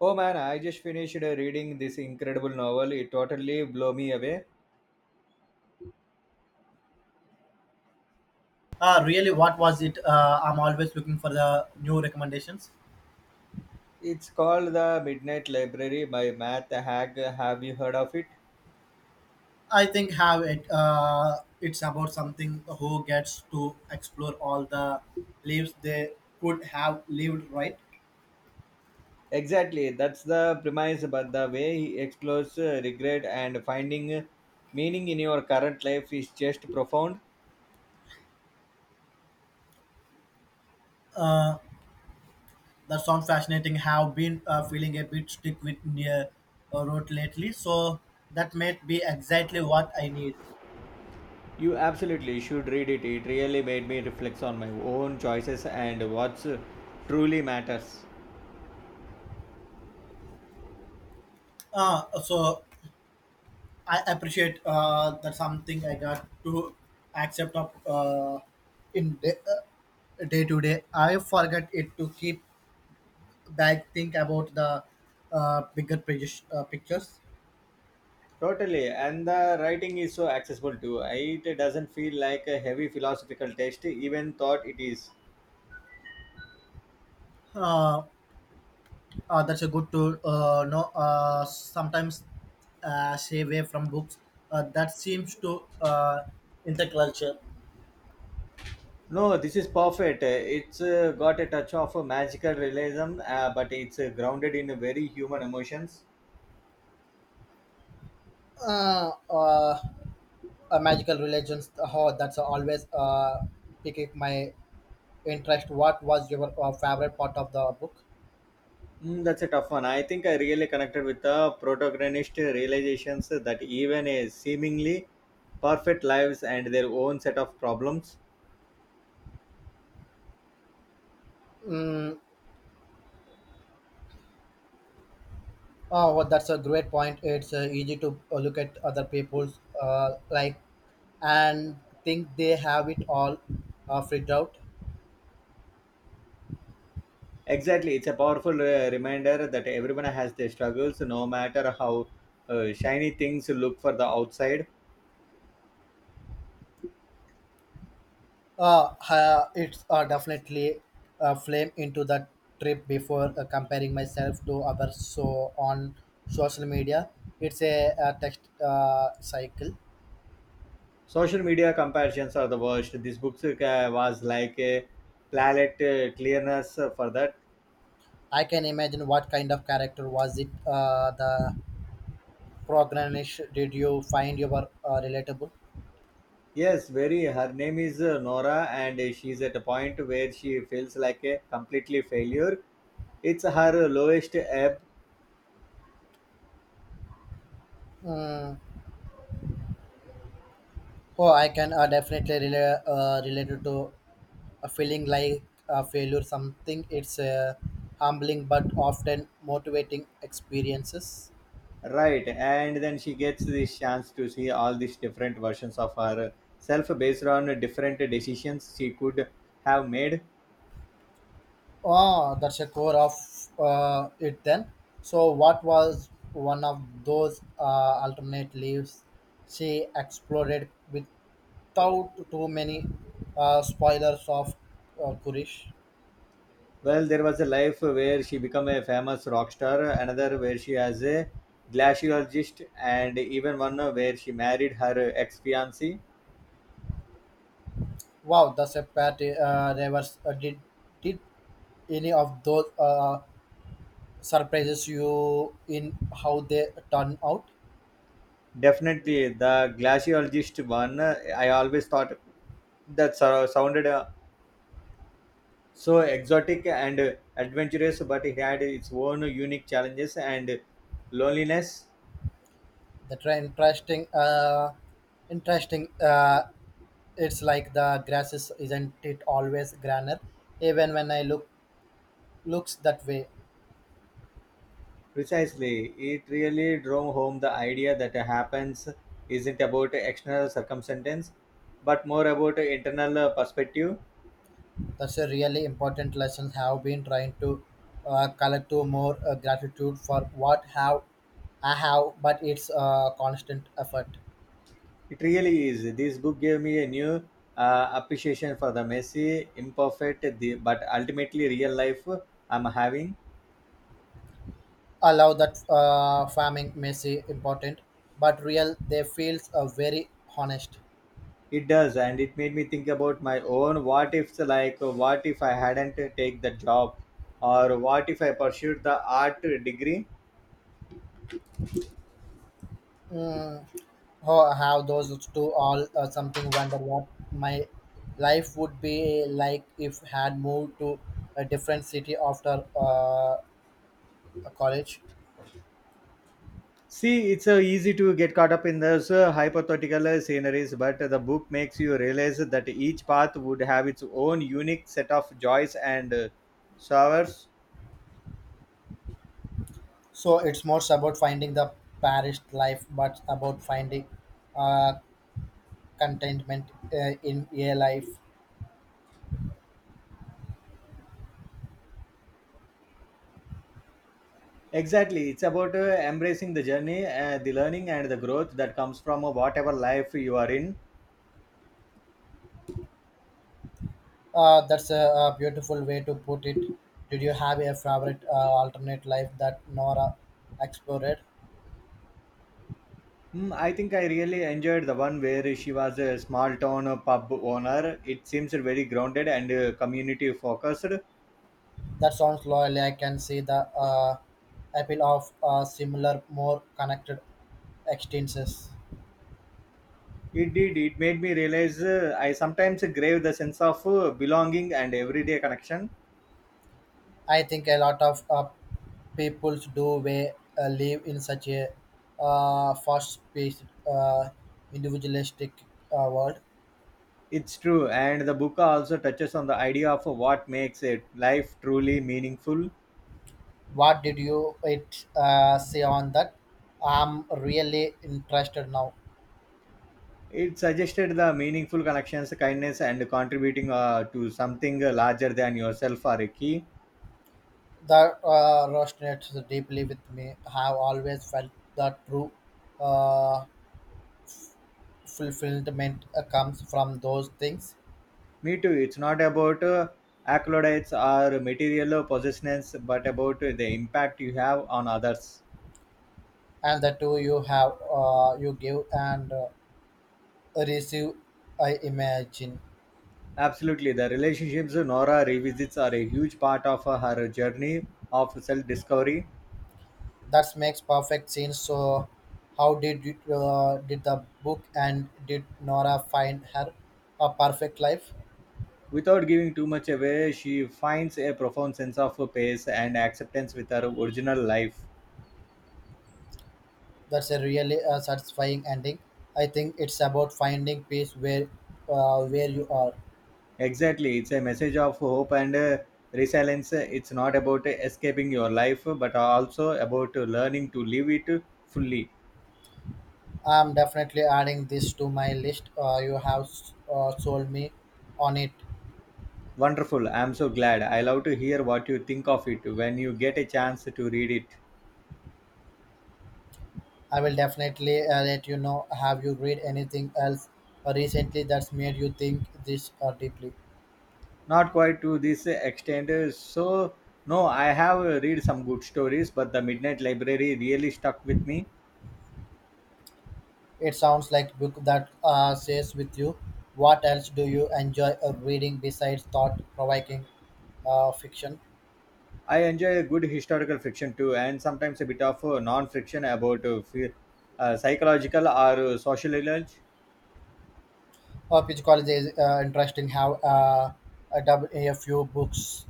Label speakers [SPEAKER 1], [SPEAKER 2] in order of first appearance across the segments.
[SPEAKER 1] Oh man, I just finished reading this incredible novel. It totally blew me away.
[SPEAKER 2] Really, what was it? I'm always looking for the new recommendations.
[SPEAKER 1] It's called The Midnight Library by Matt Haig. Have you heard of it?
[SPEAKER 2] I think have it. It's about something who gets to explore all the lives they could have lived. Right.
[SPEAKER 1] Exactly, that's the premise, but the way he explores regret and finding meaning in your current life is just profound.
[SPEAKER 2] Uh, that sounds fascinating. Have been feeling a bit stick with near road lately, so that might be exactly what I need.
[SPEAKER 1] You absolutely should read it. It really made me reflect on my own choices and what's truly matters.
[SPEAKER 2] So I appreciate that something I got to accept of in day, day to day. I forget it to keep back think about the bigger pictures. Pictures.
[SPEAKER 1] Totally, and the writing is so accessible too. It doesn't feel like a heavy philosophical text, even thought it is.
[SPEAKER 2] Uh, that's a good to know. Sometimes stay away from books. That seems to in the culture.
[SPEAKER 1] No, this is perfect. It's got a touch of a magical realism, but it's grounded in very human emotions.
[SPEAKER 2] Uh, uh, Magical religions. Oh, that's always pick up my interest, what was your favorite part of the book?
[SPEAKER 1] Mm, that's a tough one. I think I really connected with the protagonist realizations that even a seemingly perfect lives and their own set of problems.
[SPEAKER 2] Mm, oh, well, that's a great point. It's easy to look at other people's like and think they have it all figured out.
[SPEAKER 1] Exactly, it's a powerful reminder that everyone has their struggles, no matter how shiny things look for the outside.
[SPEAKER 2] It's definitely a flame into the trip before comparing myself to others. So on social media, it's a, text cycle.
[SPEAKER 1] Social media comparisons are the worst. This book was like a palette clearness for that.
[SPEAKER 2] I can imagine what kind of character was it the Progranish, did you find your relatable?
[SPEAKER 1] Yes, very. Her name is Nora, and she's at a point where she feels like a completely failure. It's her lowest ebb.
[SPEAKER 2] Mm, oh, I can definitely relate related to a feeling like a failure. Something it's a humbling but often motivating experiences.
[SPEAKER 1] Right, and then she gets this chance to see all these different versions of herself based on different decisions she could have made.
[SPEAKER 2] Oh, that's a core of it then. So, what was one of those alternate leaves she explored without too many spoilers of Kurish?
[SPEAKER 1] Well, there was a life where she became a famous rock star, another where she has a glaciologist, and even one where she married her ex fiancee.
[SPEAKER 2] Wow, the Sepati Rivers did any of those surprises you in how they turn out?
[SPEAKER 1] Definitely, the glaciologist one, I always thought that sounded so exotic and adventurous, but it had its own unique challenges and loneliness.
[SPEAKER 2] The tra- interesting, uh, interesting. It's like the grass is, isn't it always greener? Even when I looks that way,
[SPEAKER 1] Precisely, it really drove home the idea that happens isn't about external circumstance, but more about internal perspective.
[SPEAKER 2] that's a really important lesson. Have been trying to collect to more gratitude for what have I have, but it's a constant effort.
[SPEAKER 1] It really is. This book gave me a new appreciation for the messy, imperfect, the, but ultimately real life I'm having.
[SPEAKER 2] Allow that farming may seem important, but real they feels very honest.
[SPEAKER 1] It does, and it made me think about my own what ifs, like what if I hadn't take the job, or what if I pursued the art degree.
[SPEAKER 2] Mm, oh, how those two all something wonder what my life would be like if had moved to a different city after college.
[SPEAKER 1] See, it's easy to get caught up in those hypothetical sceneries, but the book makes you realize that each path would have its own unique set of joys and sorrows.
[SPEAKER 2] So it's more about finding the parish life, but about finding uh, contentment in a life.
[SPEAKER 1] Exactly, it's about embracing the journey, the learning, and the growth that comes from whatever life you are in.
[SPEAKER 2] That's a beautiful way to put it. Did you have a favorite alternate life that Nora explored?
[SPEAKER 1] Hmm, I think I really enjoyed the one where she was a small town pub owner. It seems very grounded and community focused.
[SPEAKER 2] That sounds loyal. I can see the appeal of similar, more connected extensions.
[SPEAKER 1] It did. It made me realize I sometimes crave the sense of belonging and everyday connection.
[SPEAKER 2] I think a lot of people do we live in such a fast-paced, uh, individualistic world.
[SPEAKER 1] It's true. And the book also touches on the idea of what makes a life truly meaningful.
[SPEAKER 2] What did you it say on that? I'm really interested now.
[SPEAKER 1] It suggested the meaningful connections, kindness, and contributing to something larger than yourself are a key.
[SPEAKER 2] That resonates deeply with me. I have always felt that true uh, fulfillment comes from those things,
[SPEAKER 1] Me too. It's not about accolades or material possessions, but about the impact you have on others.
[SPEAKER 2] and the two you have, you give and receive. I imagine
[SPEAKER 1] Absolutely. The relationships Nora revisits are a huge part of her journey of self discovery.
[SPEAKER 2] that makes perfect sense. So, how did it, did the book and did Nora find her a perfect life?
[SPEAKER 1] Without giving too much away, she finds a profound sense of peace and acceptance with her original life.
[SPEAKER 2] That's a really satisfying ending. I think it's about finding peace where you are.
[SPEAKER 1] Exactly. It's a message of hope and resilience. It's not about escaping your life, but also about learning to live it fully.
[SPEAKER 2] I'm definitely adding this to my list. You have sold me on it.
[SPEAKER 1] Wonderful. I'm so glad. I love to hear what you think of it when you get a chance to read it.
[SPEAKER 2] I will definitely let you know. Have you read anything else recently that's made you think this deeply?
[SPEAKER 1] Not quite to this extent, so no, I have read some good stories, but The Midnight Library really stuck with me.
[SPEAKER 2] It sounds like book that stays with you. What else do you enjoy reading besides thought-provoking fiction?
[SPEAKER 1] I enjoy a good historical fiction too, and sometimes a bit of non-fiction about psychological or social knowledge.
[SPEAKER 2] Psychology is interesting. How a few books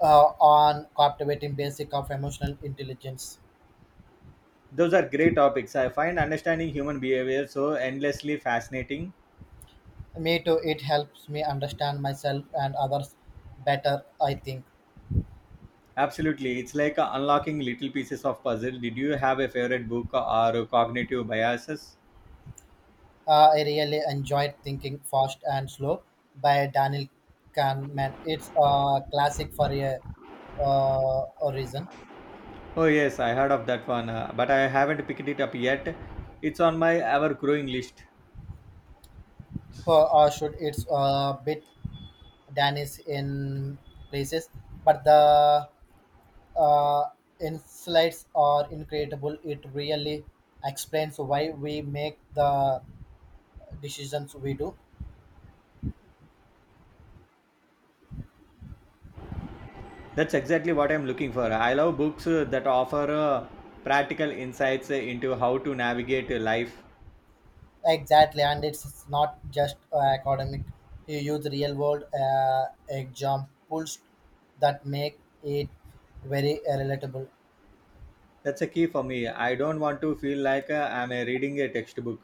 [SPEAKER 2] on captivating basic of emotional intelligence.
[SPEAKER 1] Those are great topics. I find understanding human behavior so endlessly fascinating.
[SPEAKER 2] Me too. It helps me understand myself and others better, I think.
[SPEAKER 1] Absolutely. It's like unlocking little pieces of puzzle. Did you have a favorite book or cognitive biases?
[SPEAKER 2] I really enjoyed Thinking Fast and Slow by Daniel Kahneman. It's a classic for a reason.
[SPEAKER 1] Oh yes, I heard of that one, but I haven't picked it up yet. It's on my ever-growing list.
[SPEAKER 2] Or should it's a bit Danish in places, but the uh, insights are incredible. It really explains why we make the decisions we do.
[SPEAKER 1] That's exactly what I'm looking for. I love books that offer practical insights into how to navigate life.
[SPEAKER 2] Exactly, and it's not just academic. You use real world examples that make it very relatable.
[SPEAKER 1] That's a key for me. I don't want to feel like I'm reading a textbook.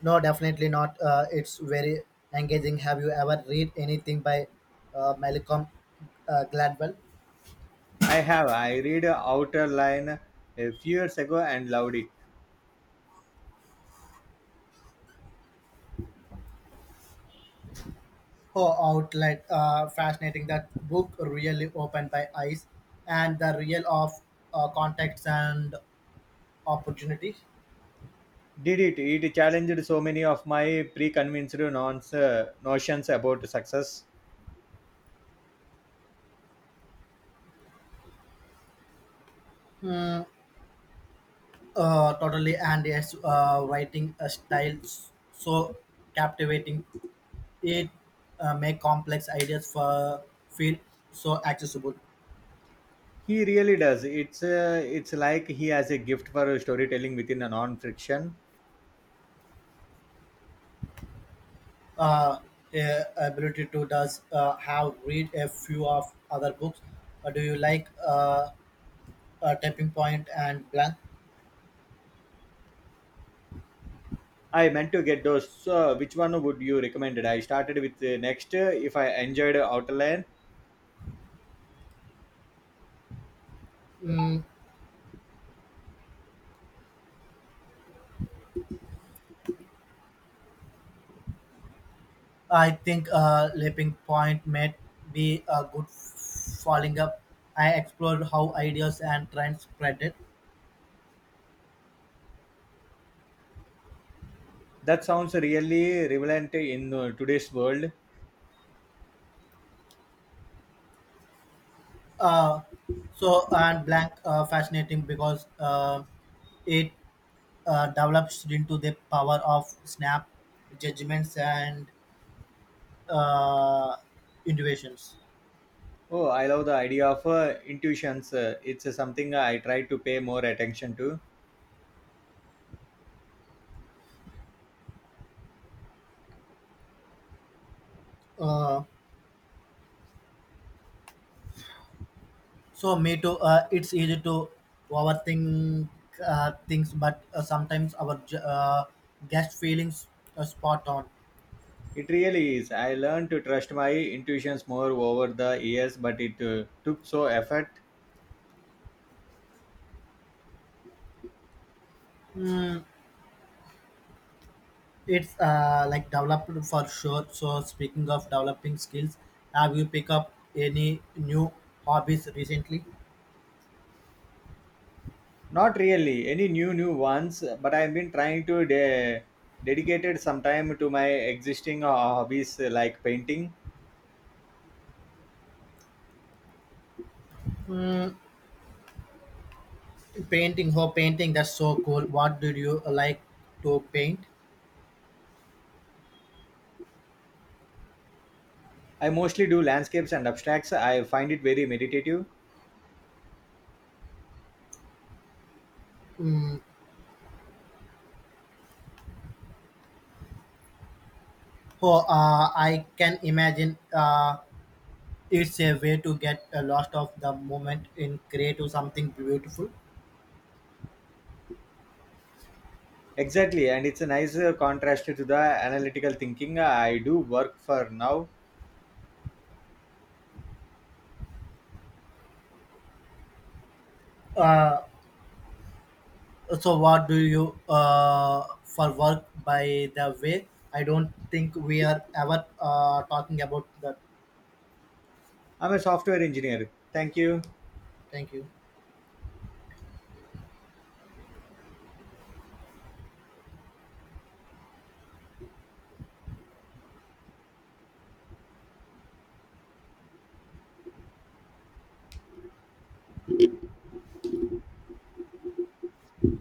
[SPEAKER 2] No, definitely not. It's very engaging. Have you ever read anything by Malcolm Gladwell?
[SPEAKER 1] I have. I read Outer Line a few years ago and loved it.
[SPEAKER 2] Oh, outlet fascinating. That book really opened my eyes and the real of contexts and opportunities.
[SPEAKER 1] Did it? It challenged so many of my preconceived notions about success.
[SPEAKER 2] Totally, and yes. Writing a so captivating. It make complex ideas for feel so accessible.
[SPEAKER 1] He really does. It's it's like he has a gift for storytelling within a non friction.
[SPEAKER 2] Uh, Ability to does have read a few of other books. Do you like Tapping Point and Blank?
[SPEAKER 1] I meant to get those. So, which one would you recommend? I started with next. If I enjoyed Outland,
[SPEAKER 2] Mm, I think Leaping Point may be a good following up. I explored how ideas and trends spread it
[SPEAKER 1] that sounds really relevant in today's world.
[SPEAKER 2] uh, so and blank fascinating because it develops into the power of snap judgments and uh, intuitions
[SPEAKER 1] Oh, I love the idea of intuitions. It's something I try to pay more attention to.
[SPEAKER 2] uh, me too it's easy to overthink things but sometimes our guest feelings are spot on.
[SPEAKER 1] It really is. I learned to trust my intuitions more over the years, but it took so effort.
[SPEAKER 2] Hmm. It's like developed for sure. So speaking of developing skills, have you picked up any new hobbies recently?
[SPEAKER 1] Not really any new ones, but I've been trying to dedicated some time to my existing hobbies like painting.
[SPEAKER 2] Hmm, painting, oh painting, that's so cool. What did you like to paint?
[SPEAKER 1] I mostly do landscapes and abstracts. I find it very meditative.
[SPEAKER 2] Hmm, oh, I can imagine it's a way to get a lot of the moment in create something beautiful.
[SPEAKER 1] Exactly, and it's a nice contrast to the analytical thinking I do work for now.
[SPEAKER 2] Uh, so what do you for work by the way, I don't think we are ever talking about that.
[SPEAKER 1] I'm a software engineer. Thank you.
[SPEAKER 2] Thank you.